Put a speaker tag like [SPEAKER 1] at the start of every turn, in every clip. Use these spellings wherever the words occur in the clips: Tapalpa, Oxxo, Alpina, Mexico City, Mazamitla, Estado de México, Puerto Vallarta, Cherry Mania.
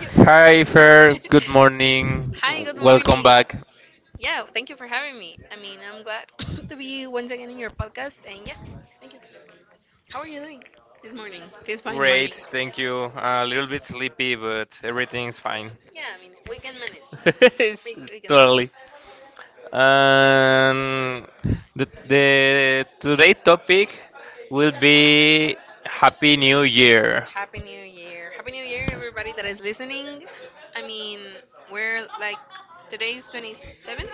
[SPEAKER 1] You are.
[SPEAKER 2] Hi, Fer. Good morning.
[SPEAKER 1] Hi, good
[SPEAKER 2] Welcome
[SPEAKER 1] morning.
[SPEAKER 2] back.
[SPEAKER 1] Yeah, thank you for having me. I'm glad to be once again in your podcast. And yeah, thank you. How are you doing this morning? This fine
[SPEAKER 2] Great,
[SPEAKER 1] morning.
[SPEAKER 2] thank you. A little bit sleepy, but everything's fine.
[SPEAKER 1] Yeah, we can manage.
[SPEAKER 2] It's
[SPEAKER 1] We can manage.
[SPEAKER 2] totally. Um, the today topic will be Happy New Year.
[SPEAKER 1] Happy New Year. Happy New Year, everybody that is listening. I mean, we're like, today's 27,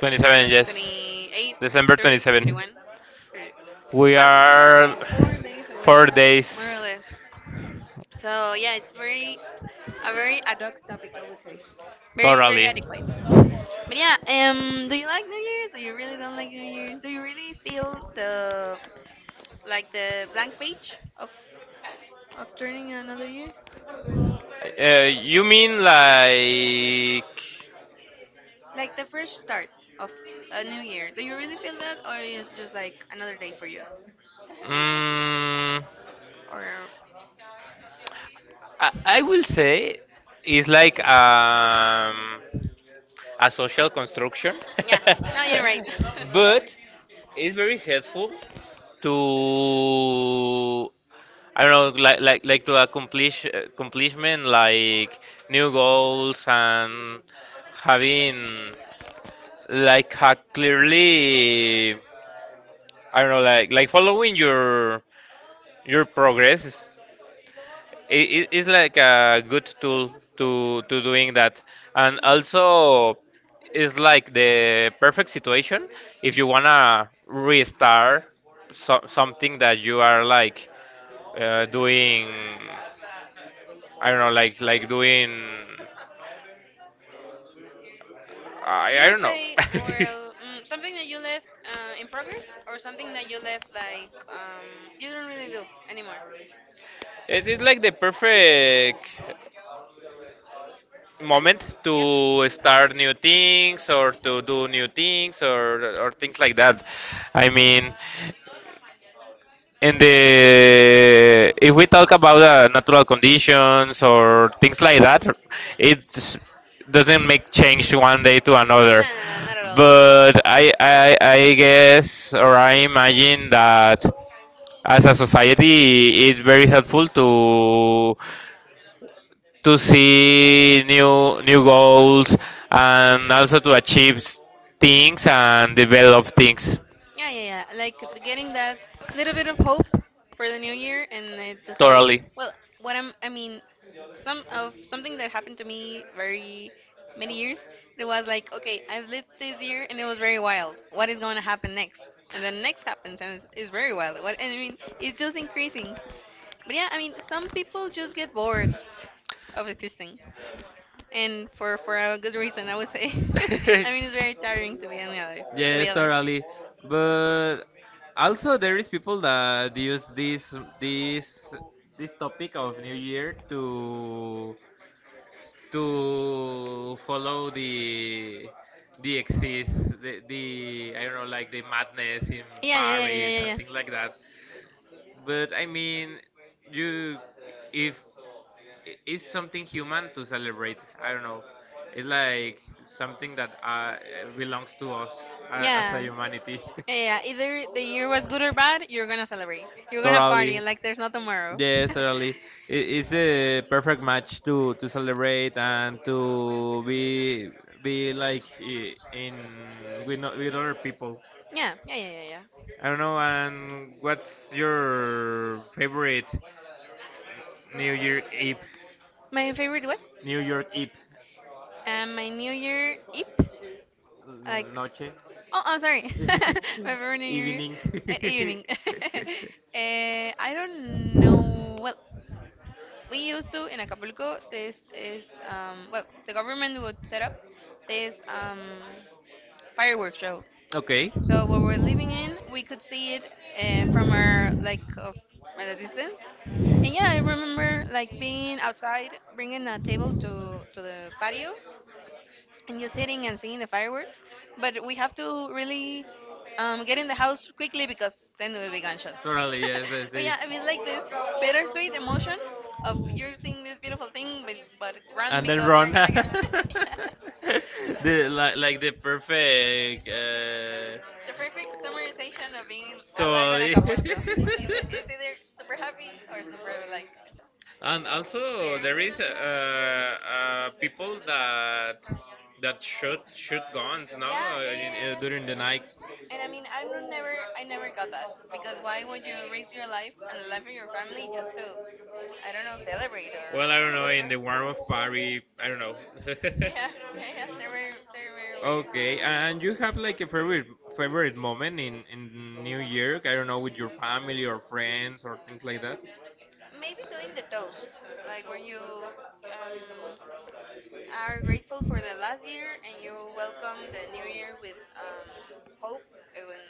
[SPEAKER 2] 27, yes.
[SPEAKER 1] 28,
[SPEAKER 2] December
[SPEAKER 1] 30,
[SPEAKER 2] 27.
[SPEAKER 1] 31.
[SPEAKER 2] We
[SPEAKER 1] Well,
[SPEAKER 2] are
[SPEAKER 1] like 4 days away,
[SPEAKER 2] four
[SPEAKER 1] more or
[SPEAKER 2] days
[SPEAKER 1] less. So yeah, it's very a very ad hoc topic, I would say. Very, very
[SPEAKER 2] totally.
[SPEAKER 1] adequate. But yeah, do you like New Year's? Or you really don't like New Year's? Do you really feel the like the blank page of turning another year?
[SPEAKER 2] You mean like?
[SPEAKER 1] Like the fresh start of a new year. Do you really feel that, or is just like another day for you?
[SPEAKER 2] Mm,
[SPEAKER 1] Or
[SPEAKER 2] I will say it's like a social construction,
[SPEAKER 1] yeah, no, you're right.
[SPEAKER 2] but it's very helpful to I don't know, like to accomplish accomplishment, like new goals and having like a clearly I don't know, like following your progress it's like a good tool to doing that and
[SPEAKER 1] Mhm.
[SPEAKER 2] also it's like the perfect situation if you wanna restart so, something that you are like doing I don't know like doing
[SPEAKER 1] You
[SPEAKER 2] I
[SPEAKER 1] would
[SPEAKER 2] don't know
[SPEAKER 1] say, well, something that you left in progress, or something that you left like you don't really do anymore.
[SPEAKER 2] it's like the perfect moment
[SPEAKER 1] Chance? Yeah?
[SPEAKER 2] to start new things or to do new things or things like that I mean. And the if we talk about natural conditions or things like that it doesn't make change one day to
[SPEAKER 1] No, no,
[SPEAKER 2] another
[SPEAKER 1] no, not at all.
[SPEAKER 2] but I guess or I imagine that as a society it's very helpful to see new goals and also to achieve things and develop things
[SPEAKER 1] Yeah, yeah, yeah. Like getting that little bit of hope for the new year, and it's to say,
[SPEAKER 2] totally.
[SPEAKER 1] well, what I'm, I mean, something that happened to me very many years. It was like, okay, I've lived this year, and it was very wild. What is going to happen next? And then next happens, and it's very wild. What? And I mean, it's just increasing. But yeah, I mean, some people just get bored of existing, and for a good reason, I would say. I mean, it's very tiring to be alive. To be
[SPEAKER 2] Yes,
[SPEAKER 1] alive.
[SPEAKER 2] totally. But also there is people that use this this topic of New Year to follow the the I don't know like the madness in Yeah, yeah,
[SPEAKER 1] Yeah, yeah, yeah, yeah, yeah,
[SPEAKER 2] Paris yeah, and
[SPEAKER 1] yeah.
[SPEAKER 2] yeah.
[SPEAKER 1] Yeah.
[SPEAKER 2] Things like that. But I mean, you if it's something human to celebrate. I don't know. It's like something that belongs to us as Yeah. A
[SPEAKER 1] Yeah,
[SPEAKER 2] humanity.
[SPEAKER 1] yeah, yeah. Either the year was good or bad, you're gonna celebrate. You're gonna party
[SPEAKER 2] Totally.
[SPEAKER 1] like there's no tomorrow.
[SPEAKER 2] Yes, totally. It's a perfect match to celebrate and to be like in with no, with other people.
[SPEAKER 1] Yeah, yeah, yeah, yeah, yeah.
[SPEAKER 2] I don't know. And what's your favorite New York Eve?
[SPEAKER 1] My favorite what?
[SPEAKER 2] New York Eve
[SPEAKER 1] My New Year Eve, like.
[SPEAKER 2] noche,
[SPEAKER 1] Oh, I'm sorry. My favorite New Year
[SPEAKER 2] evening.
[SPEAKER 1] evening. I don't know. Well, we used to in Acapulco. This is. Well, the government would set up this fireworks show.
[SPEAKER 2] Okay.
[SPEAKER 1] So where we're living in, we could see it from our like of, at a distance. And yeah, I remember like being outside, bringing a table to the patio, and just sitting and seeing the fireworks. But we have to really get in the house quickly because then we'll be gunshots.
[SPEAKER 2] Totally, yes, I
[SPEAKER 1] But
[SPEAKER 2] see.
[SPEAKER 1] yeah, I mean, like this bittersweet emotion of you're seeing this beautiful thing, but run
[SPEAKER 2] And then
[SPEAKER 1] because you're
[SPEAKER 2] run.
[SPEAKER 1] gonna get
[SPEAKER 2] The
[SPEAKER 1] yeah.
[SPEAKER 2] like the perfect.
[SPEAKER 1] The perfect summarization of being alive in
[SPEAKER 2] Totally.
[SPEAKER 1] Acapulco. It's either super happy or super like
[SPEAKER 2] And also there
[SPEAKER 1] scary.
[SPEAKER 2] is people that that shoot
[SPEAKER 1] Should
[SPEAKER 2] shoot guns now
[SPEAKER 1] Yeah, yeah, yeah,
[SPEAKER 2] in,
[SPEAKER 1] yeah,
[SPEAKER 2] during the night.
[SPEAKER 1] yeah. And I mean, I never got that because why would you risk your life and the life of your family just to, I don't know, celebrate or
[SPEAKER 2] I don't know. In
[SPEAKER 1] whatever?
[SPEAKER 2] the warm of Paris, I don't know. Yeah,
[SPEAKER 1] Yeah, yeah,
[SPEAKER 2] yeah,
[SPEAKER 1] yeah. They're very weird.
[SPEAKER 2] and you have like a favorite moment in New Year? I don't know, with your family or friends or things like that.
[SPEAKER 1] Maybe doing the toast, like when you um, are grateful for the last year and you welcome the new year with hope and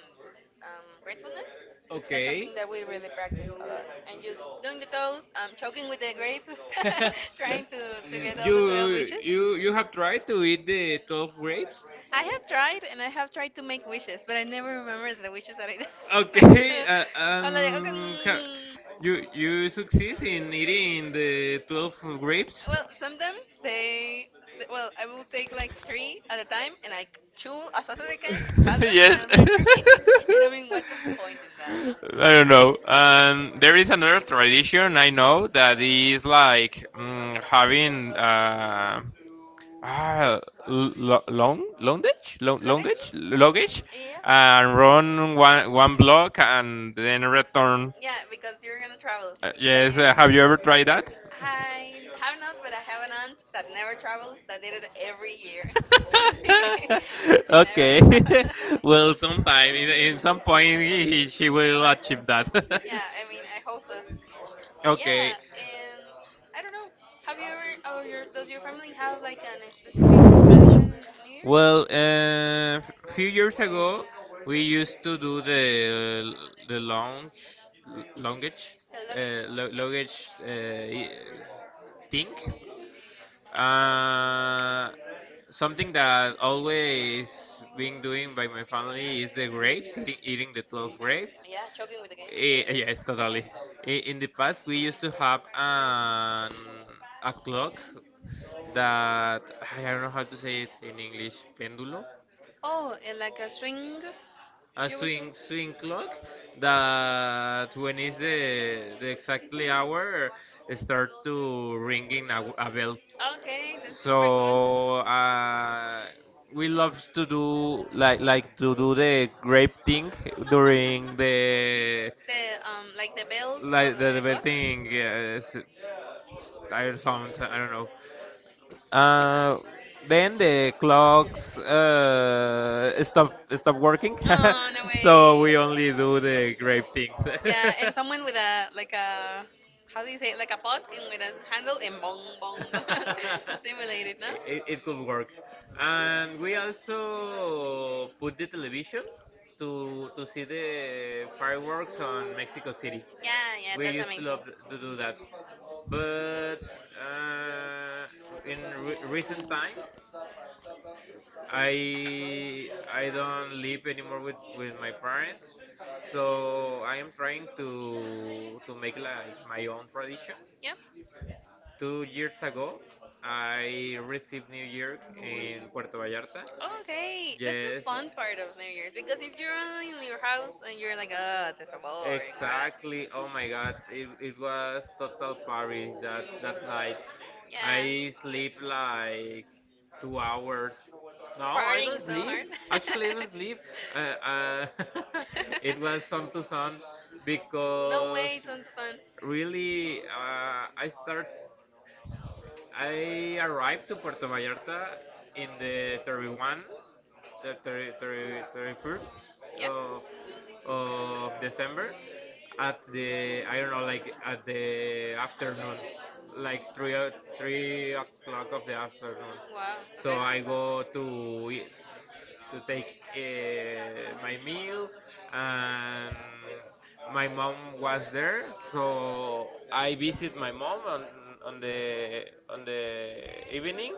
[SPEAKER 1] gratefulness. That's
[SPEAKER 2] Okay.
[SPEAKER 1] something that we really practice a lot. And you doing the toast, choking with the grapes, trying to get all the
[SPEAKER 2] you
[SPEAKER 1] 12 wishes.
[SPEAKER 2] you have tried to eat the 12 grapes?
[SPEAKER 1] I have tried, and I have tried to make wishes, but I never remember the wishes that I
[SPEAKER 2] It.
[SPEAKER 1] do.
[SPEAKER 2] Okay,
[SPEAKER 1] I'm like, okay.
[SPEAKER 2] you you succeed in eating
[SPEAKER 1] Mm.
[SPEAKER 2] the 12 grapes?
[SPEAKER 1] Well, well, I will take like three at a time and I chew as fast as I can, pass them, and
[SPEAKER 2] Yes.
[SPEAKER 1] another three. And I mean, what's the
[SPEAKER 2] I
[SPEAKER 1] point in that, no?
[SPEAKER 2] don't know. And there is another tradition I know that is like mm, having ah,
[SPEAKER 1] Luggage?
[SPEAKER 2] luggage, and run one block and then
[SPEAKER 1] Yeah.
[SPEAKER 2] return.
[SPEAKER 1] Yeah, because you're gonna travel. That
[SPEAKER 2] Yes.
[SPEAKER 1] you,
[SPEAKER 2] Have you ever tried that?
[SPEAKER 1] I have not, but I have an aunt that never traveled, that did it every year, strictly. She never
[SPEAKER 2] Okay.
[SPEAKER 1] traveled.
[SPEAKER 2] Well, sometime in some point she
[SPEAKER 1] In her
[SPEAKER 2] will
[SPEAKER 1] life.
[SPEAKER 2] achieve that.
[SPEAKER 1] Yeah, I mean, I hope so. But
[SPEAKER 2] Okay.
[SPEAKER 1] yeah, and I don't know. Have you ever, or your, does your family have like an a specific tradition in New Year's?
[SPEAKER 2] Well, a few years ago, we used to do the launch luggage,
[SPEAKER 1] The one.
[SPEAKER 2] luggage thing. Uh, something that always being doing by my family is the grapes, eating the 12 grapes.
[SPEAKER 1] Yeah, choking with the game.
[SPEAKER 2] Eh,
[SPEAKER 1] Okay.
[SPEAKER 2] yes, totally. In the past, we used to have a clock that I don't know how to say it in English, pendulo,
[SPEAKER 1] Oh, and string, a
[SPEAKER 2] a swing clock that when it's the exactly hour, it starts to ringing a bell.
[SPEAKER 1] okay.
[SPEAKER 2] So we love to do like to do the grape thing during the
[SPEAKER 1] The like the bells of
[SPEAKER 2] like the
[SPEAKER 1] the clock.
[SPEAKER 2] belting. Yeah, I don't sound I don't know. Uh, then the clocks stop working,
[SPEAKER 1] Oh no
[SPEAKER 2] so
[SPEAKER 1] way.
[SPEAKER 2] we only do the grape things.
[SPEAKER 1] Yeah, and someone with a like a how do you say it? Like a pot and with a handle and bong bong bong to simulate it, no?
[SPEAKER 2] It it could work. And we also put the television to see the fireworks on Mexico City.
[SPEAKER 1] Yeah, yeah,
[SPEAKER 2] We
[SPEAKER 1] that's
[SPEAKER 2] used to
[SPEAKER 1] amazing.
[SPEAKER 2] love to do that, but uh, in recent times, I don't live anymore with my parents, so I am trying to make like my own tradition.
[SPEAKER 1] Yep.
[SPEAKER 2] 2 years ago, I received New York in Puerto Vallarta.
[SPEAKER 1] Okay, that's the
[SPEAKER 2] Yes,
[SPEAKER 1] fun part of New Year's, because if you're only in your house and you're like, ah, this is so boring, right?
[SPEAKER 2] exactly. Oh my God, it was total party that that night.
[SPEAKER 1] Yeah.
[SPEAKER 2] I sleep like 2 hours. No, I
[SPEAKER 1] Partying
[SPEAKER 2] don't
[SPEAKER 1] so
[SPEAKER 2] sleep.
[SPEAKER 1] hard.
[SPEAKER 2] Actually, I don't sleep. Uh, uh, it was sun to sun
[SPEAKER 1] No
[SPEAKER 2] because
[SPEAKER 1] way, son to
[SPEAKER 2] really I arrived to Puerto Vallarta in the 31 the 30, 31st of, of December at the I don't know like at the afternoon, like 3 o'clock of the afternoon.
[SPEAKER 1] wow,
[SPEAKER 2] So
[SPEAKER 1] okay.
[SPEAKER 2] I go to eat, to take my meal, and my mom was there, so I visit my mom on the evening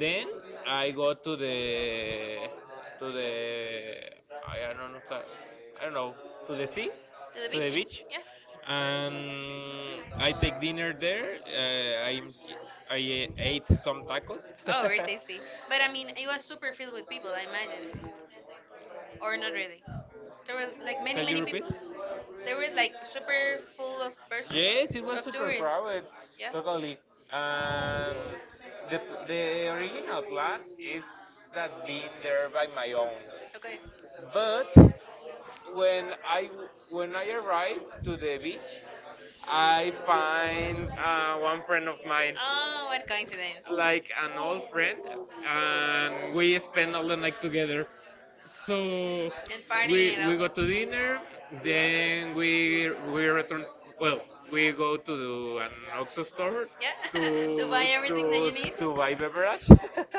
[SPEAKER 2] then I go to the I don't know I don't know to the sea,
[SPEAKER 1] To the
[SPEAKER 2] to the
[SPEAKER 1] beach?
[SPEAKER 2] beach,
[SPEAKER 1] Yeah.
[SPEAKER 2] and I take dinner there. I ate some tacos.
[SPEAKER 1] Oh, very tasty. But I mean, it was super filled with people, I imagine, or not really. There were like many,
[SPEAKER 2] Can you
[SPEAKER 1] many
[SPEAKER 2] repeat?
[SPEAKER 1] people. They were like super full of persons,
[SPEAKER 2] Yes, it was
[SPEAKER 1] of
[SPEAKER 2] super
[SPEAKER 1] tourists.
[SPEAKER 2] crowded,
[SPEAKER 1] Yeah.
[SPEAKER 2] totally. And the the original plan is that being there by my own.
[SPEAKER 1] Okay.
[SPEAKER 2] But when I when I arrive to the beach, I find one friend of mine,
[SPEAKER 1] Oh, what coincidence.
[SPEAKER 2] like an old friend, and we spend all the night together. So
[SPEAKER 1] And farting it up.
[SPEAKER 2] we go to dinner, then we return. Well, we go to an Oxxo store
[SPEAKER 1] Yeah, to buy
[SPEAKER 2] to
[SPEAKER 1] everything that you need.
[SPEAKER 2] to buy beverage,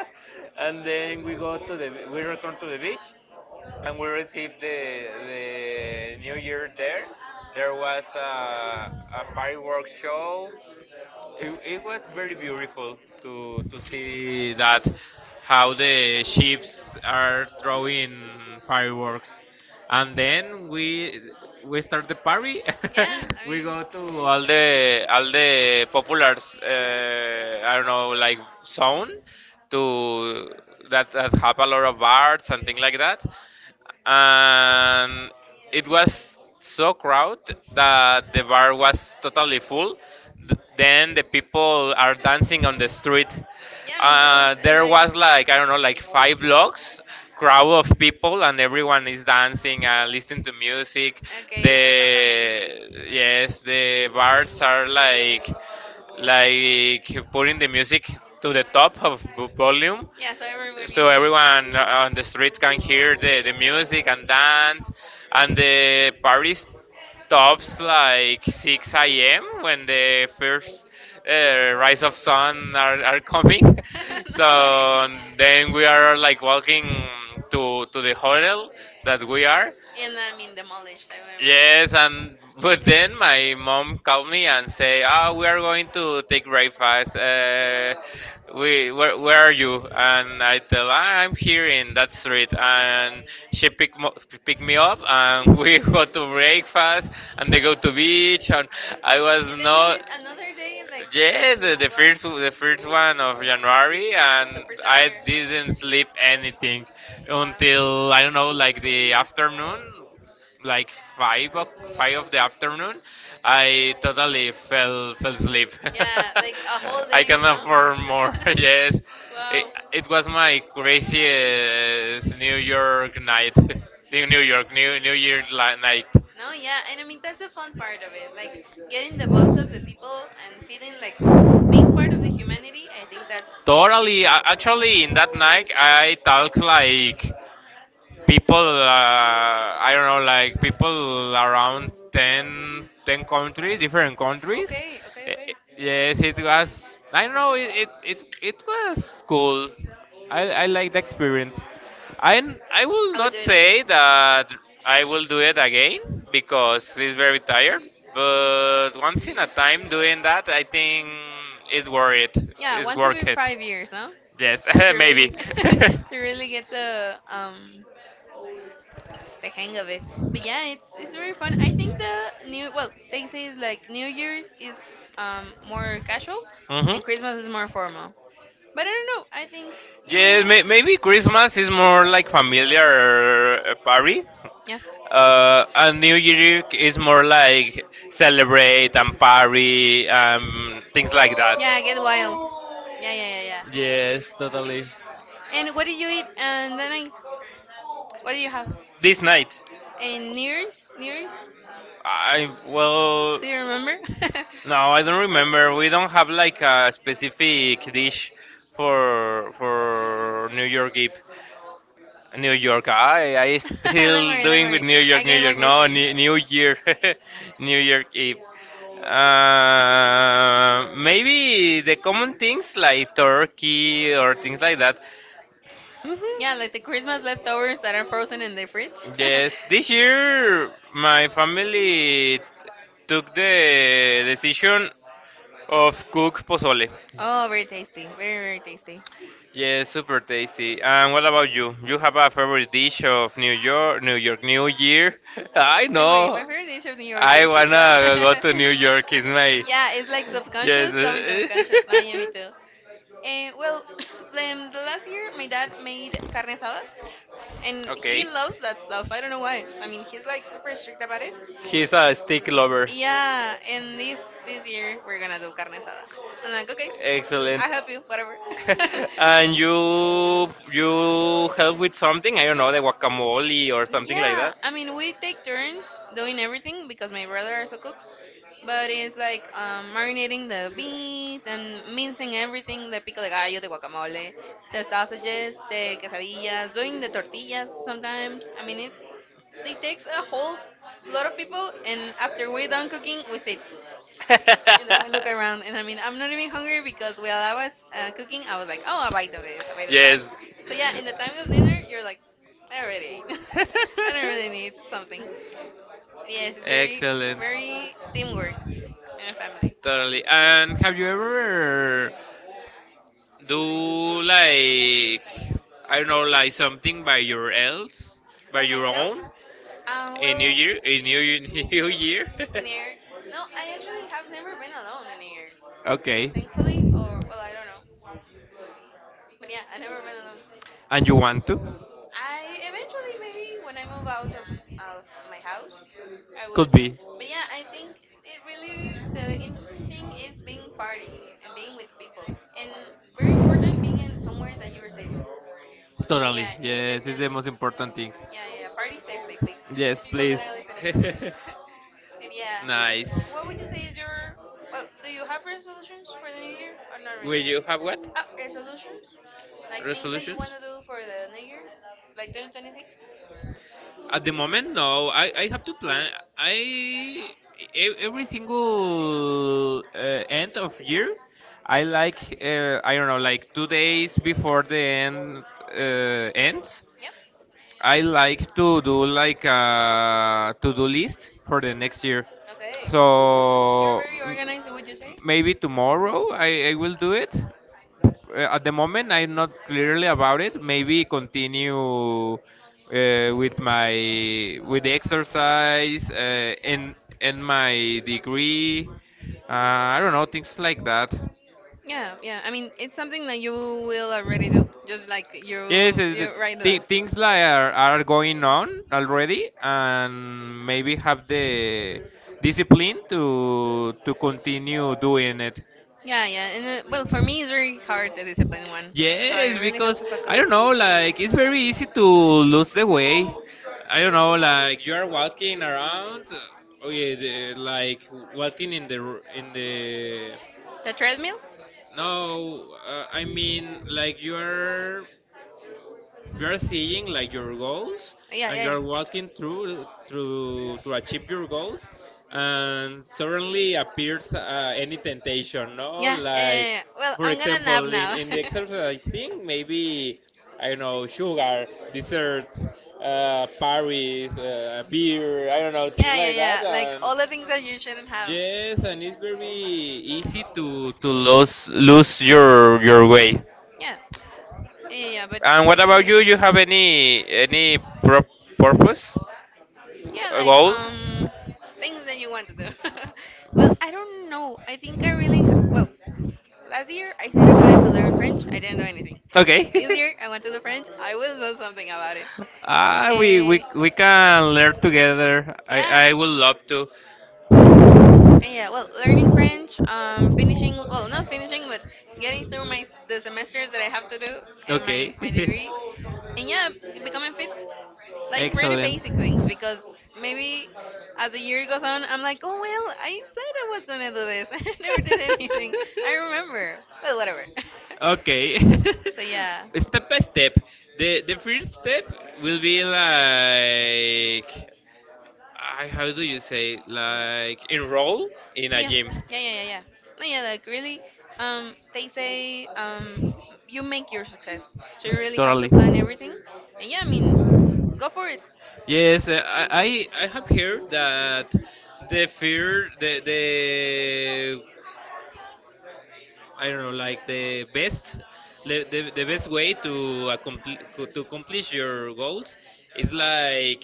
[SPEAKER 2] and then we go to the we return to the beach, and we received the New Year there. There was a fireworks show. It was very beautiful to see that how the ships are throwing fireworks, and then we start the party.
[SPEAKER 1] Yeah,
[SPEAKER 2] We go to all the populars. I don't know, like zone to that that have a lot of arts and things like that and it was so crowded that the bar was totally full. Then the people are dancing on the street.
[SPEAKER 1] yeah, I mean, that was
[SPEAKER 2] There
[SPEAKER 1] like,
[SPEAKER 2] was like I don't know, like five blocks crowd of people, and everyone is dancing and listening to music.
[SPEAKER 1] okay, that sounds amazing.
[SPEAKER 2] The yes, the bars are like putting the music to the top of volume
[SPEAKER 1] Yeah, so everyone can
[SPEAKER 2] so
[SPEAKER 1] hear.
[SPEAKER 2] everyone on the street can hear the music and dance and the party stops like 6 a.m. when the first rise of sun are coming
[SPEAKER 1] no way.
[SPEAKER 2] so then we are like walking to the hotel that we are.
[SPEAKER 1] And I mean, demolished, I would imagine.
[SPEAKER 2] Yes, and but then my mom called me and say, "Ah, we are going to take breakfast. We where are you?" And I tell, "Ah, I'm here in that street." And she pick me up, and we go to breakfast, and they go to beach, and I was
[SPEAKER 1] And then you
[SPEAKER 2] not.
[SPEAKER 1] lived another day like in
[SPEAKER 2] Yes,
[SPEAKER 1] the well,
[SPEAKER 2] the first one of January,
[SPEAKER 1] a
[SPEAKER 2] and
[SPEAKER 1] super
[SPEAKER 2] I
[SPEAKER 1] tired.
[SPEAKER 2] didn't sleep anything
[SPEAKER 1] Wow.
[SPEAKER 2] until I don't know, like the afternoon, like five of the afternoon. I totally fell asleep.
[SPEAKER 1] Yeah, like a whole
[SPEAKER 2] I
[SPEAKER 1] day,
[SPEAKER 2] cannot
[SPEAKER 1] no?
[SPEAKER 2] afford more. Yes, it,
[SPEAKER 1] Wow.
[SPEAKER 2] it was my craziest New York night, New York New Year night.
[SPEAKER 1] No, yeah, and I mean that's the fun part of it, like getting the buzz of the people and feeling like being part of the humanity. I think that's
[SPEAKER 2] Totally, actually, in that night I talk like. People I don't know like people around 10 countries different countries.
[SPEAKER 1] okay, okay, okay.
[SPEAKER 2] Yes it was I don't know it was cool. I like the experience. i I will
[SPEAKER 1] I
[SPEAKER 2] not
[SPEAKER 1] would do it
[SPEAKER 2] say
[SPEAKER 1] again.
[SPEAKER 2] that I will do it again because it's very tired but once in a time doing that I think it's worth it.
[SPEAKER 1] Yeah,
[SPEAKER 2] It's
[SPEAKER 1] once
[SPEAKER 2] worth
[SPEAKER 1] every
[SPEAKER 2] it.
[SPEAKER 1] 5 years, no?
[SPEAKER 2] Yes,
[SPEAKER 1] To really,
[SPEAKER 2] maybe.
[SPEAKER 1] to really get the hang of it. But yeah, it's very fun. I think the new well, they say it's like New Year's is more casual,
[SPEAKER 2] Hmm.
[SPEAKER 1] and Christmas is more formal. But I don't know. I think you,
[SPEAKER 2] Yeah, maybe Christmas is more like familiar party,
[SPEAKER 1] yeah,
[SPEAKER 2] and New Year is more like celebrate and party, things like that.
[SPEAKER 1] yeah, get wild. Yeah, yeah, yeah, yeah.
[SPEAKER 2] Yes, totally.
[SPEAKER 1] And what do you eat? What do you have?
[SPEAKER 2] This night,
[SPEAKER 1] And New Year's? New Year's?
[SPEAKER 2] I well,
[SPEAKER 1] Do you remember?
[SPEAKER 2] no, I don't remember. We don't have like a specific dish for New York Eve. New York. I
[SPEAKER 1] Don't
[SPEAKER 2] still
[SPEAKER 1] worry, don't
[SPEAKER 2] doing with
[SPEAKER 1] worry.
[SPEAKER 2] New
[SPEAKER 1] I
[SPEAKER 2] York, New
[SPEAKER 1] get what
[SPEAKER 2] York.
[SPEAKER 1] you're
[SPEAKER 2] No,
[SPEAKER 1] saying.
[SPEAKER 2] New, New Year, New York Eve. Maybe the common things like turkey or things like that.
[SPEAKER 1] Yeah,
[SPEAKER 2] Mhm.
[SPEAKER 1] like the Christmas leftovers that are frozen in the fridge.
[SPEAKER 2] Yes, this year my family took the decision of cook pozole.
[SPEAKER 1] Oh, very tasty. Very, very tasty.
[SPEAKER 2] Yeah, super tasty. And what about you? You have a favorite dish of New York, New York New Year? I
[SPEAKER 1] Don't worry, my
[SPEAKER 2] know.
[SPEAKER 1] favorite dish of New York
[SPEAKER 2] I
[SPEAKER 1] is pizza.
[SPEAKER 2] wanna go to New York. Is my
[SPEAKER 1] Yeah, it's like
[SPEAKER 2] yes.
[SPEAKER 1] subconscious coming to the conscious. Nah, yeah, me too. And well, the last year my dad made carne asada, and he
[SPEAKER 2] Okay.
[SPEAKER 1] loves that stuff. I don't know why. I mean, he's like super strict about it.
[SPEAKER 2] He's a stick lover.
[SPEAKER 1] Yeah, and this year we're gonna do carne asada. I'm like, okay,
[SPEAKER 2] Excellent.
[SPEAKER 1] I help you, whatever.
[SPEAKER 2] And you help with something, I don't know, the guacamole or something like
[SPEAKER 1] Yeah,
[SPEAKER 2] that.
[SPEAKER 1] I mean we take turns doing everything because my brother also cooks, but it's like marinating the meat and mincing everything, the pico de gallo, the guacamole, the sausages, the quesadillas, doing the tortillas sometimes. I mean it takes a whole lot of people, and after we're done cooking, we sit. And then we look around, and I mean, I'm not even hungry because while I was cooking, I was like, oh, a bite of this, a bite of that.
[SPEAKER 2] Yes.
[SPEAKER 1] So yeah, in the time of dinner, you're like, I already ate. I don't really need something. Yes, it's very,
[SPEAKER 2] Excellent.
[SPEAKER 1] very teamwork and family.
[SPEAKER 2] Totally. And have you ever do like I don't know, like something by your else, by
[SPEAKER 1] By
[SPEAKER 2] your
[SPEAKER 1] myself,
[SPEAKER 2] own,
[SPEAKER 1] well,
[SPEAKER 2] In New Year, New Year?
[SPEAKER 1] in here, no, I actually have never been alone in years.
[SPEAKER 2] Okay.
[SPEAKER 1] Thankfully, or well, I don't know, but yeah, I never been alone.
[SPEAKER 2] And you want to?
[SPEAKER 1] I eventually maybe when I move of my house, I would.
[SPEAKER 2] Be.
[SPEAKER 1] But yeah, I think it really the interesting thing is being partying and being with people, and very important being in somewhere that you are safe.
[SPEAKER 2] Totally.
[SPEAKER 1] Yeah, you take
[SPEAKER 2] Yes, it's
[SPEAKER 1] and
[SPEAKER 2] yeah, the most important thing.
[SPEAKER 1] yeah, yeah, yeah.
[SPEAKER 2] Yeah,
[SPEAKER 1] Party safely, please. People that
[SPEAKER 2] yourself.
[SPEAKER 1] are listening. And yeah, and what would you say is your well? Do you have resolutions for the new year or not
[SPEAKER 2] Will
[SPEAKER 1] really?
[SPEAKER 2] you have what?
[SPEAKER 1] Resolutions, like things that you want
[SPEAKER 2] Resolutions?
[SPEAKER 1] to do for the new year, like 2026.
[SPEAKER 2] At the moment, no. I have to plan. I every single end of year, I like I don't know like 2 days before the end ends.
[SPEAKER 1] Yeah.
[SPEAKER 2] I like to do like a to-do list for the next year.
[SPEAKER 1] Okay. You're
[SPEAKER 2] So
[SPEAKER 1] very organized, would you say?
[SPEAKER 2] maybe tomorrow I will do it. At the moment, I'm not clearly about it. Maybe continue with my with the exercise and my degree. Uh, I don't know things like that.
[SPEAKER 1] Yeah, yeah. I mean, it's something that you will already do, just like
[SPEAKER 2] Yes,
[SPEAKER 1] you write it
[SPEAKER 2] th
[SPEAKER 1] down.
[SPEAKER 2] things like are going on already, and maybe have the discipline to continue doing it.
[SPEAKER 1] Yeah, yeah. And well, for me, it's very hard the discipline one, so I
[SPEAKER 2] Yes,
[SPEAKER 1] really have
[SPEAKER 2] because
[SPEAKER 1] to
[SPEAKER 2] I
[SPEAKER 1] focus.
[SPEAKER 2] don't know, like it's very easy to lose the way. I don't know, like you are walking around, yeah, like walking in the
[SPEAKER 1] The treadmill?
[SPEAKER 2] no, I mean like you're seeing like your goals,
[SPEAKER 1] Yeah,
[SPEAKER 2] and
[SPEAKER 1] yeah,
[SPEAKER 2] you're
[SPEAKER 1] yeah.
[SPEAKER 2] walking through to achieve your goals, and suddenly appears any temptation, no,
[SPEAKER 1] Yeah, yeah, yeah,
[SPEAKER 2] like
[SPEAKER 1] yeah. Well,
[SPEAKER 2] for
[SPEAKER 1] I'm gonna nap
[SPEAKER 2] example
[SPEAKER 1] now.
[SPEAKER 2] in the exercise thing, maybe I don't know, sugar, desserts, paris, beer, I don't know, things
[SPEAKER 1] Yeah, yeah,
[SPEAKER 2] like that.
[SPEAKER 1] yeah. Like
[SPEAKER 2] And
[SPEAKER 1] all the things that you shouldn't have.
[SPEAKER 2] yes, and it's very easy to lose your
[SPEAKER 1] Yeah.
[SPEAKER 2] way.
[SPEAKER 1] Yeah, yeah, yeah. But
[SPEAKER 2] And what about you? You have any pro- purpose,
[SPEAKER 1] yeah, like
[SPEAKER 2] Goal?
[SPEAKER 1] things that you want to do. Well, I don't know. I think well, last year I said I wanted to learn French. I didn't do anything.
[SPEAKER 2] Okay.
[SPEAKER 1] This year I want to do French. I will do something about it. Uh,
[SPEAKER 2] Ah, we can learn together.
[SPEAKER 1] yeah.
[SPEAKER 2] I would love to.
[SPEAKER 1] Yeah, well, learning French, well, not finishing, but getting through my the semesters that I have to do in
[SPEAKER 2] Okay.
[SPEAKER 1] my degree, and yeah, becoming fit. Like pretty
[SPEAKER 2] Excellent.
[SPEAKER 1] basic things because maybe as the year goes on I'm like, oh well, I said I was going to do this. I never did anything I remember, but whatever.
[SPEAKER 2] Okay.
[SPEAKER 1] So yeah.
[SPEAKER 2] Step by step. The first step will be like, I, how do you say, like enroll in a
[SPEAKER 1] yeah
[SPEAKER 2] gym.
[SPEAKER 1] yeah yeah yeah yeah no, yeah, like really. They say, you make your success, so you really have to plan everything. And yeah, I mean, go for it.
[SPEAKER 2] Yes, I have heard that the fear the I don't know, like the best way to accomplish your goals is like,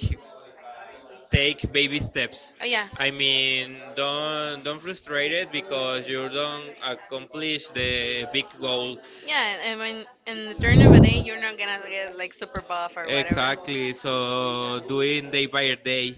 [SPEAKER 2] take baby steps.
[SPEAKER 1] Oh yeah.
[SPEAKER 2] I mean, don't frustrate it because you don't accomplish the big goal.
[SPEAKER 1] Yeah, I mean, in the turn of a day, you're not gonna get like super buff or whatever.
[SPEAKER 2] Exactly. So doing day by day.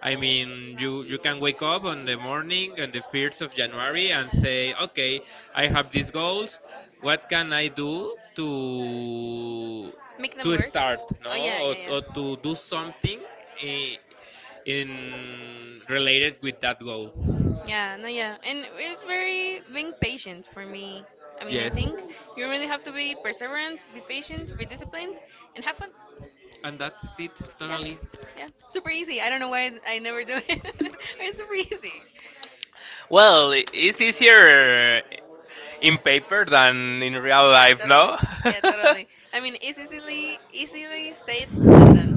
[SPEAKER 2] I mean, you can wake up on the morning on the 1st of January and say, okay, I have these goals. What can I do to
[SPEAKER 1] To make them
[SPEAKER 2] to
[SPEAKER 1] work.
[SPEAKER 2] start,
[SPEAKER 1] Oh yeah,
[SPEAKER 2] no,
[SPEAKER 1] yeah, yeah.
[SPEAKER 2] or to do something in, in related with that goal?
[SPEAKER 1] Something? Yeah, no, yeah. And it's very being patient for me. I mean, I
[SPEAKER 2] Yes,
[SPEAKER 1] think you really have to be perseverant, be patient, be disciplined, and have fun. And
[SPEAKER 2] and that's it.
[SPEAKER 1] yeah, all.
[SPEAKER 2] Totally.
[SPEAKER 1] Yeah. Super easy. I don't know why I never do it. It's super easy.
[SPEAKER 2] Well, it's easier in paper than in real
[SPEAKER 1] Yeah,
[SPEAKER 2] life,
[SPEAKER 1] totally.
[SPEAKER 2] no?
[SPEAKER 1] Yeah, totally. I mean, it's easily said than done.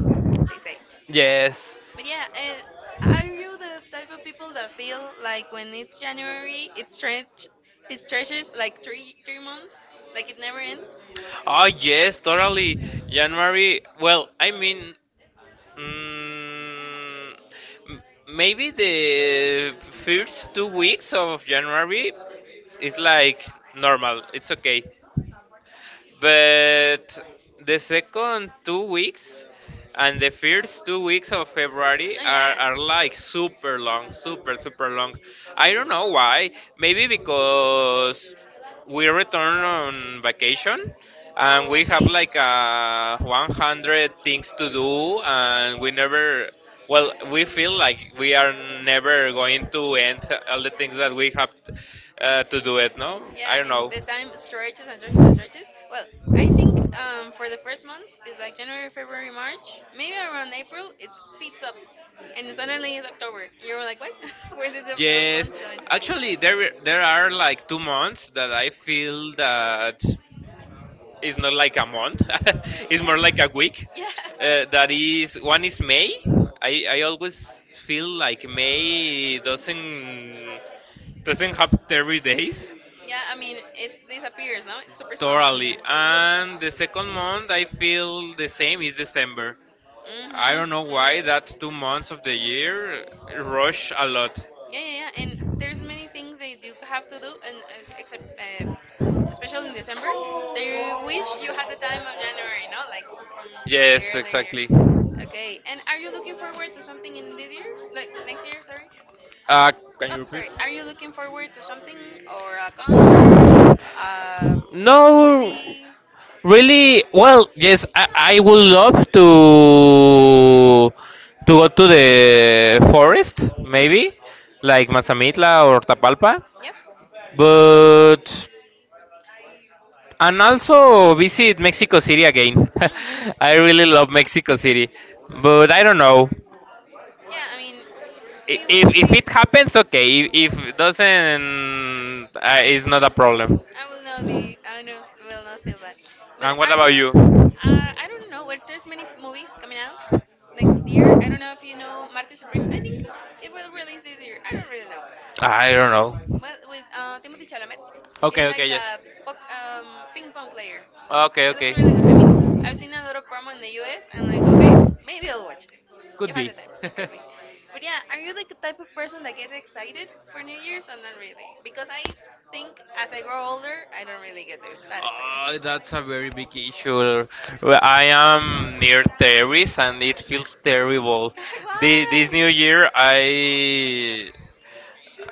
[SPEAKER 1] They say.
[SPEAKER 2] Yes.
[SPEAKER 1] But yeah, are you the type of people that feel like when it's January, it stretch, it stretches like three three months, like it never ends?
[SPEAKER 2] Oh, yes, totally. January. Well, I mean, mm, m- maybe the first 2 weeks of January is like normal. It's okay. But the second 2 weeks and the first 2 weeks of February
[SPEAKER 1] No, yeah.
[SPEAKER 2] are like super long, super, super long. I don't know why. Maybe because we return on vacation and
[SPEAKER 1] Oh,
[SPEAKER 2] we have
[SPEAKER 1] maybe.
[SPEAKER 2] like 100 things to do, and we never, well, we feel like we are never going to end all the things that we have to do it, no, I
[SPEAKER 1] Yeah,
[SPEAKER 2] don't
[SPEAKER 1] and
[SPEAKER 2] know.
[SPEAKER 1] the time stretches and stretches and stretches. Well, I think for the first months it's like January, February, March, maybe around April it speeds up, and suddenly it's October. You're like, what? Where did the, those
[SPEAKER 2] Yes,
[SPEAKER 1] months go in?
[SPEAKER 2] actually, there are like 2 months that I feel that it's not like a month. It's more like
[SPEAKER 1] Yeah.
[SPEAKER 2] a week.
[SPEAKER 1] Yeah.
[SPEAKER 2] That is, one is May. I always feel like May doesn't have 30 days.
[SPEAKER 1] Yeah, I mean, it disappears, no? It's super small.
[SPEAKER 2] Totally. And the second month I feel the same is December. I don't know
[SPEAKER 1] Mm-hmm,
[SPEAKER 2] why that
[SPEAKER 1] mm-hmm.
[SPEAKER 2] 2 months of the year rush a lot.
[SPEAKER 1] Yeah, yeah, yeah. And there's many things that you do have to do, and as- except especially in December, that you wish you had the time of January, no, like from the
[SPEAKER 2] Yes,
[SPEAKER 1] earlier year.
[SPEAKER 2] exactly.
[SPEAKER 1] Okay. And are you looking forward to something in this year, like next year? Sorry.
[SPEAKER 2] Uh, can
[SPEAKER 1] Oh,
[SPEAKER 2] you repeat?
[SPEAKER 1] sorry. Are you looking forward to something, or a concert, a
[SPEAKER 2] No,
[SPEAKER 1] movie?
[SPEAKER 2] really. Well, yes, I would love to go to the forest, maybe, like Mazamitla or Tapalpa.
[SPEAKER 1] Yep.
[SPEAKER 2] But, and also visit Mexico City again.
[SPEAKER 1] Mm.
[SPEAKER 2] I really love Mexico City, but I don't know,
[SPEAKER 1] Yeah. I mean, we will
[SPEAKER 2] if
[SPEAKER 1] see.
[SPEAKER 2] it happens. Okay, if it doesn't, it's not a problem.
[SPEAKER 1] I will not be. I know, will not feel bad. But
[SPEAKER 2] And what
[SPEAKER 1] are you?
[SPEAKER 2] about you?
[SPEAKER 1] I don't know. Well, there's many movies coming out next year. I don't know if you know Marty Supreme. I think it will release this year. I don't really know.
[SPEAKER 2] I don't know.
[SPEAKER 1] But with Timothy Chalamet,
[SPEAKER 2] Okay,
[SPEAKER 1] it's
[SPEAKER 2] okay,
[SPEAKER 1] like
[SPEAKER 2] yes.
[SPEAKER 1] a poc-, ping pong player.
[SPEAKER 2] Okay,
[SPEAKER 1] It looks
[SPEAKER 2] okay.
[SPEAKER 1] really good. I've seen a lot of promo in the US. I'm like, okay, maybe I'll watch it
[SPEAKER 2] Could
[SPEAKER 1] if I have the
[SPEAKER 2] be.
[SPEAKER 1] time. It could be. But yeah, are you like the type of person that gets excited for New Year's or not really? Because I think as I grow older, I don't really get that excited.
[SPEAKER 2] Oh, that's a very big issue. Well, I am near Terry's and it feels terrible. This
[SPEAKER 1] Why?
[SPEAKER 2] new year, I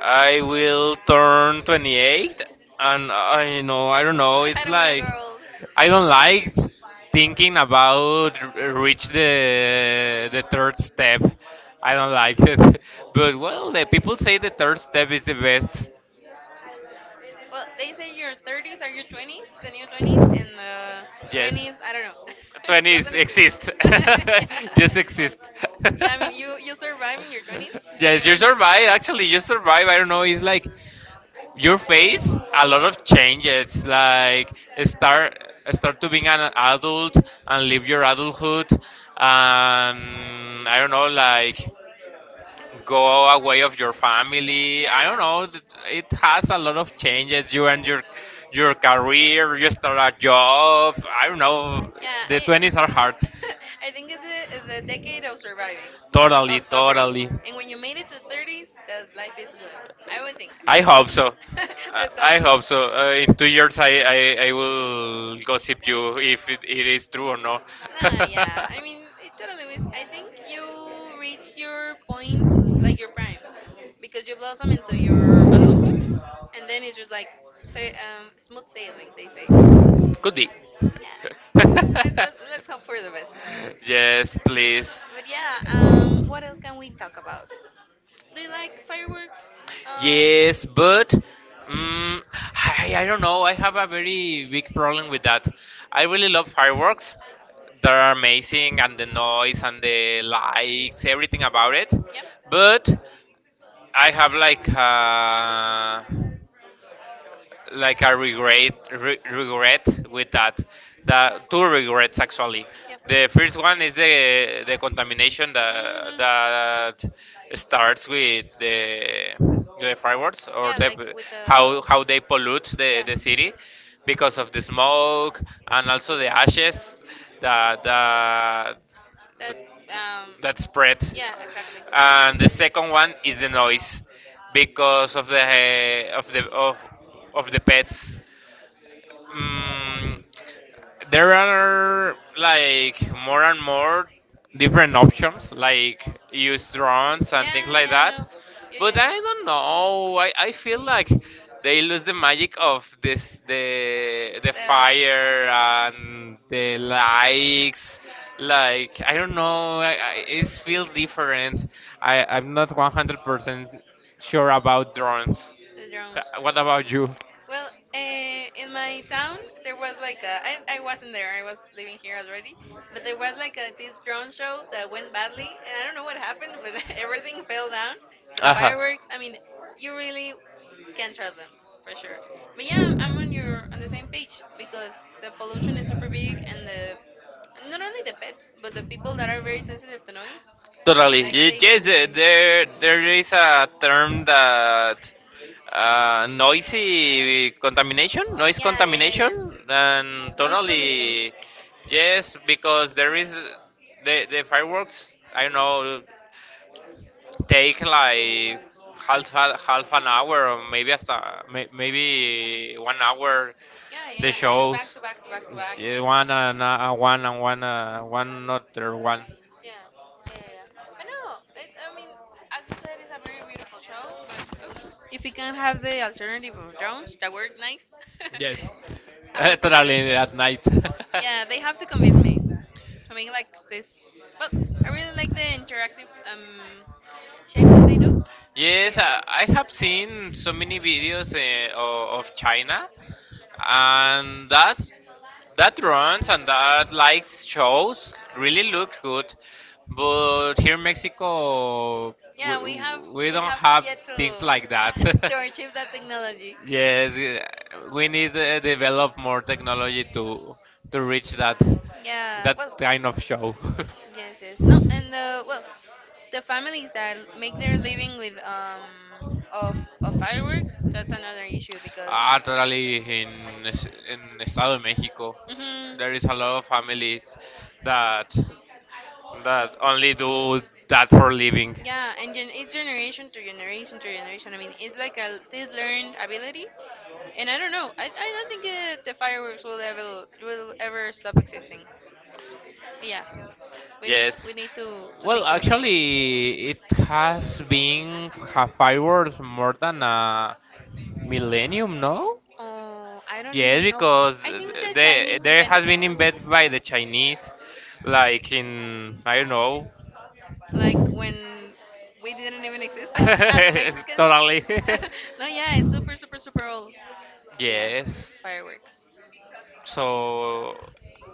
[SPEAKER 2] I will turn 28, and I know, I don't know.
[SPEAKER 1] I
[SPEAKER 2] It's
[SPEAKER 1] don't want a
[SPEAKER 2] like,
[SPEAKER 1] girl.
[SPEAKER 2] I don't like thinking about reach the third step. I don't like it, but well, the people say the third step is the best.
[SPEAKER 1] Well, they say your 30s are your 20s, the new 20s, and the
[SPEAKER 2] Yes,
[SPEAKER 1] 20s, I don't know. Doesn't
[SPEAKER 2] twenties
[SPEAKER 1] exist.
[SPEAKER 2] exist,
[SPEAKER 1] Yeah.
[SPEAKER 2] just exist.
[SPEAKER 1] Yeah, I mean, you you survive in your 20s,
[SPEAKER 2] Yes,
[SPEAKER 1] and
[SPEAKER 2] you
[SPEAKER 1] when
[SPEAKER 2] survive. Actually, you survive. I don't know. It's like your face a lot
[SPEAKER 1] you.
[SPEAKER 2] of changes. Like, start, start to being an adult and live your adulthood, and I don't know. Like, go away of your family. I don't
[SPEAKER 1] Yeah.
[SPEAKER 2] know. It has a lot of changes. You and your career. You start a job. I don't know.
[SPEAKER 1] Yeah,
[SPEAKER 2] The
[SPEAKER 1] I.
[SPEAKER 2] twenties are hard.
[SPEAKER 1] I think it's it's a decade of surviving,
[SPEAKER 2] Totally,
[SPEAKER 1] of suffering.
[SPEAKER 2] totally.
[SPEAKER 1] And when you made it to 30s, that life is good. I would think. I
[SPEAKER 2] I
[SPEAKER 1] think.
[SPEAKER 2] hope so. I
[SPEAKER 1] Let's go
[SPEAKER 2] I
[SPEAKER 1] for
[SPEAKER 2] hope so. In 2 years, I will
[SPEAKER 1] that.
[SPEAKER 2] gossip you if it, it is true or no.
[SPEAKER 1] No, yeah. I mean, it totally is. I think you reach your point, like your prime, because you blossom into your adulthood, and then it's just like say, smooth sailing. They say,
[SPEAKER 2] Could be.
[SPEAKER 1] yeah. Let us let's hope for the best.
[SPEAKER 2] Yes, please.
[SPEAKER 1] But yeah, what else can we talk about? Do you like fireworks? Um,
[SPEAKER 2] Yes, but mm I don't know. I have a very big problem with that. I really love fireworks. They're amazing, and the noise and the lights, everything about it.
[SPEAKER 1] yeah.
[SPEAKER 2] But I have like a regret with that, the two regrets actually.
[SPEAKER 1] Yep.
[SPEAKER 2] The first one is the contamination that
[SPEAKER 1] Hmm.
[SPEAKER 2] that starts with the fireworks, or
[SPEAKER 1] Yeah, like
[SPEAKER 2] the,
[SPEAKER 1] with the
[SPEAKER 2] how they pollute the
[SPEAKER 1] yeah,
[SPEAKER 2] the city because of the smoke and also the ashes that that
[SPEAKER 1] that um
[SPEAKER 2] that spread.
[SPEAKER 1] yeah, exactly, yeah.
[SPEAKER 2] And the second one is the noise, because of the of the of the pets. Mm, there are like more and more different options, like use drones and things
[SPEAKER 1] Yeah,
[SPEAKER 2] like
[SPEAKER 1] yeah, I
[SPEAKER 2] that.
[SPEAKER 1] know. Yeah,
[SPEAKER 2] But
[SPEAKER 1] yeah.
[SPEAKER 2] I don't know. I feel like they lose the magic of this, the
[SPEAKER 1] Yeah.
[SPEAKER 2] fire
[SPEAKER 1] The
[SPEAKER 2] and the likes. Like I don't know. It feels different. I'm not 100% sure about drones.
[SPEAKER 1] drones.
[SPEAKER 2] What about you?
[SPEAKER 1] Well, in my town, there was like I wasn't there, I was living here already, but there was like a, this drone show that went badly, and I don't know what happened, but everything fell down. But the fireworks, I mean, you really can trust them for sure. But yeah, I'm on your on the same page because the pollution is super big, and the not only the pets, but the people that are very sensitive to noise. Like they get
[SPEAKER 2] uh,
[SPEAKER 1] really.
[SPEAKER 2] there there is a term that noisy contamination, noise, yeah, yeah,
[SPEAKER 1] Yeah, yeah,
[SPEAKER 2] contamination,
[SPEAKER 1] yeah, yeah.
[SPEAKER 2] and
[SPEAKER 1] Noise pollution.
[SPEAKER 2] totally, yes, because there is the fireworks. I don't know, take like half an hour or maybe hasta may, maybe 1 hour,
[SPEAKER 1] Yeah, yeah,
[SPEAKER 2] the
[SPEAKER 1] yeah. And it's
[SPEAKER 2] shows,
[SPEAKER 1] back to back to back to back.
[SPEAKER 2] yeah,
[SPEAKER 1] And
[SPEAKER 2] one and one and one one other one.
[SPEAKER 1] yeah, yeah, yeah. Yeah. But no, it's. I mean, as you said, it's a very beautiful show. But oof, if we can have the alternative of drums that work nice,
[SPEAKER 2] Yes.
[SPEAKER 1] I would prefer.
[SPEAKER 2] Totally, at night.
[SPEAKER 1] Yeah, they have to convince me to make like this. Well, I really like the interactive shapes that they do. So
[SPEAKER 2] Yes,
[SPEAKER 1] yeah.
[SPEAKER 2] I have seen so many videos of China, and that that runs and that likes shows really look good, but here in Mexico
[SPEAKER 1] Yeah,
[SPEAKER 2] we, we
[SPEAKER 1] we
[SPEAKER 2] don't
[SPEAKER 1] have to
[SPEAKER 2] have
[SPEAKER 1] yet
[SPEAKER 2] things
[SPEAKER 1] to
[SPEAKER 2] like that.
[SPEAKER 1] to achieve that technology.
[SPEAKER 2] Yes, we need to develop more technology to reach that,
[SPEAKER 1] Yeah,
[SPEAKER 2] that
[SPEAKER 1] well,
[SPEAKER 2] kind of show.
[SPEAKER 1] yes, yes. No, and the well, the families that make their living with of of fireworks, that's another issue because
[SPEAKER 2] Art rally in Estado de México.
[SPEAKER 1] hmm.
[SPEAKER 2] There is a lot of families that that only do that for living.
[SPEAKER 1] Yeah, and gen-, it's generation to generation to generation. I mean, it's like a this learned ability, and I don't know. I don't think the fireworks will ever stop existing. But yeah, we
[SPEAKER 2] Yes.
[SPEAKER 1] need to
[SPEAKER 2] Well,
[SPEAKER 1] think about the nature.
[SPEAKER 2] actually, it has been fireworks more than a millennium, no?
[SPEAKER 1] Oh, I
[SPEAKER 2] Yes,
[SPEAKER 1] don't know.
[SPEAKER 2] because
[SPEAKER 1] I think the Chinese
[SPEAKER 2] there
[SPEAKER 1] invented
[SPEAKER 2] has been
[SPEAKER 1] them, no?
[SPEAKER 2] invented by the Chinese, like in, I don't know.
[SPEAKER 1] Like when we didn't even exist as the Mexicans.
[SPEAKER 2] Totally.
[SPEAKER 1] No, yeah, it's super, super, super old. So yeah,
[SPEAKER 2] Yes.
[SPEAKER 1] fireworks.
[SPEAKER 2] So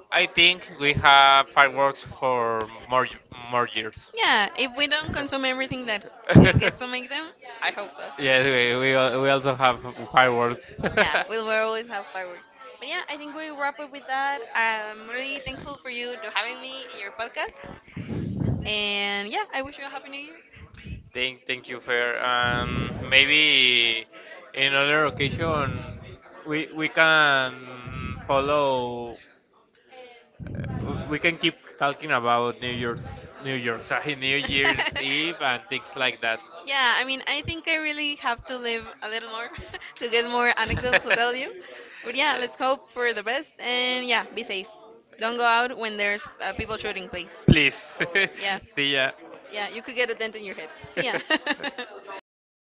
[SPEAKER 2] I think we have fireworks for more more years.
[SPEAKER 1] Yeah, if we don't consume everything that gets to make them, I hope so.
[SPEAKER 2] Yes, we we also have fireworks.
[SPEAKER 1] Yeah, we will always have fireworks. But yeah, I think we wrap up with that. I'm really thankful for you to having me in your podcast. And yeah, I wish you a happy new year.
[SPEAKER 2] Thank you, Fair. And maybe in other occasion, we can follow. We can keep talking about New Year's, New Year's, sorry, New Year's Eve and things like that.
[SPEAKER 1] Yeah, I mean, I think I really have to live a little more to get more anecdotes to tell you. But yeah, let's hope for the best and yeah, be safe. Don't go out when there's people shooting, please.
[SPEAKER 2] Please,
[SPEAKER 1] Yeah.
[SPEAKER 2] see ya.
[SPEAKER 1] Yeah, you could get a dent in your head. See ya.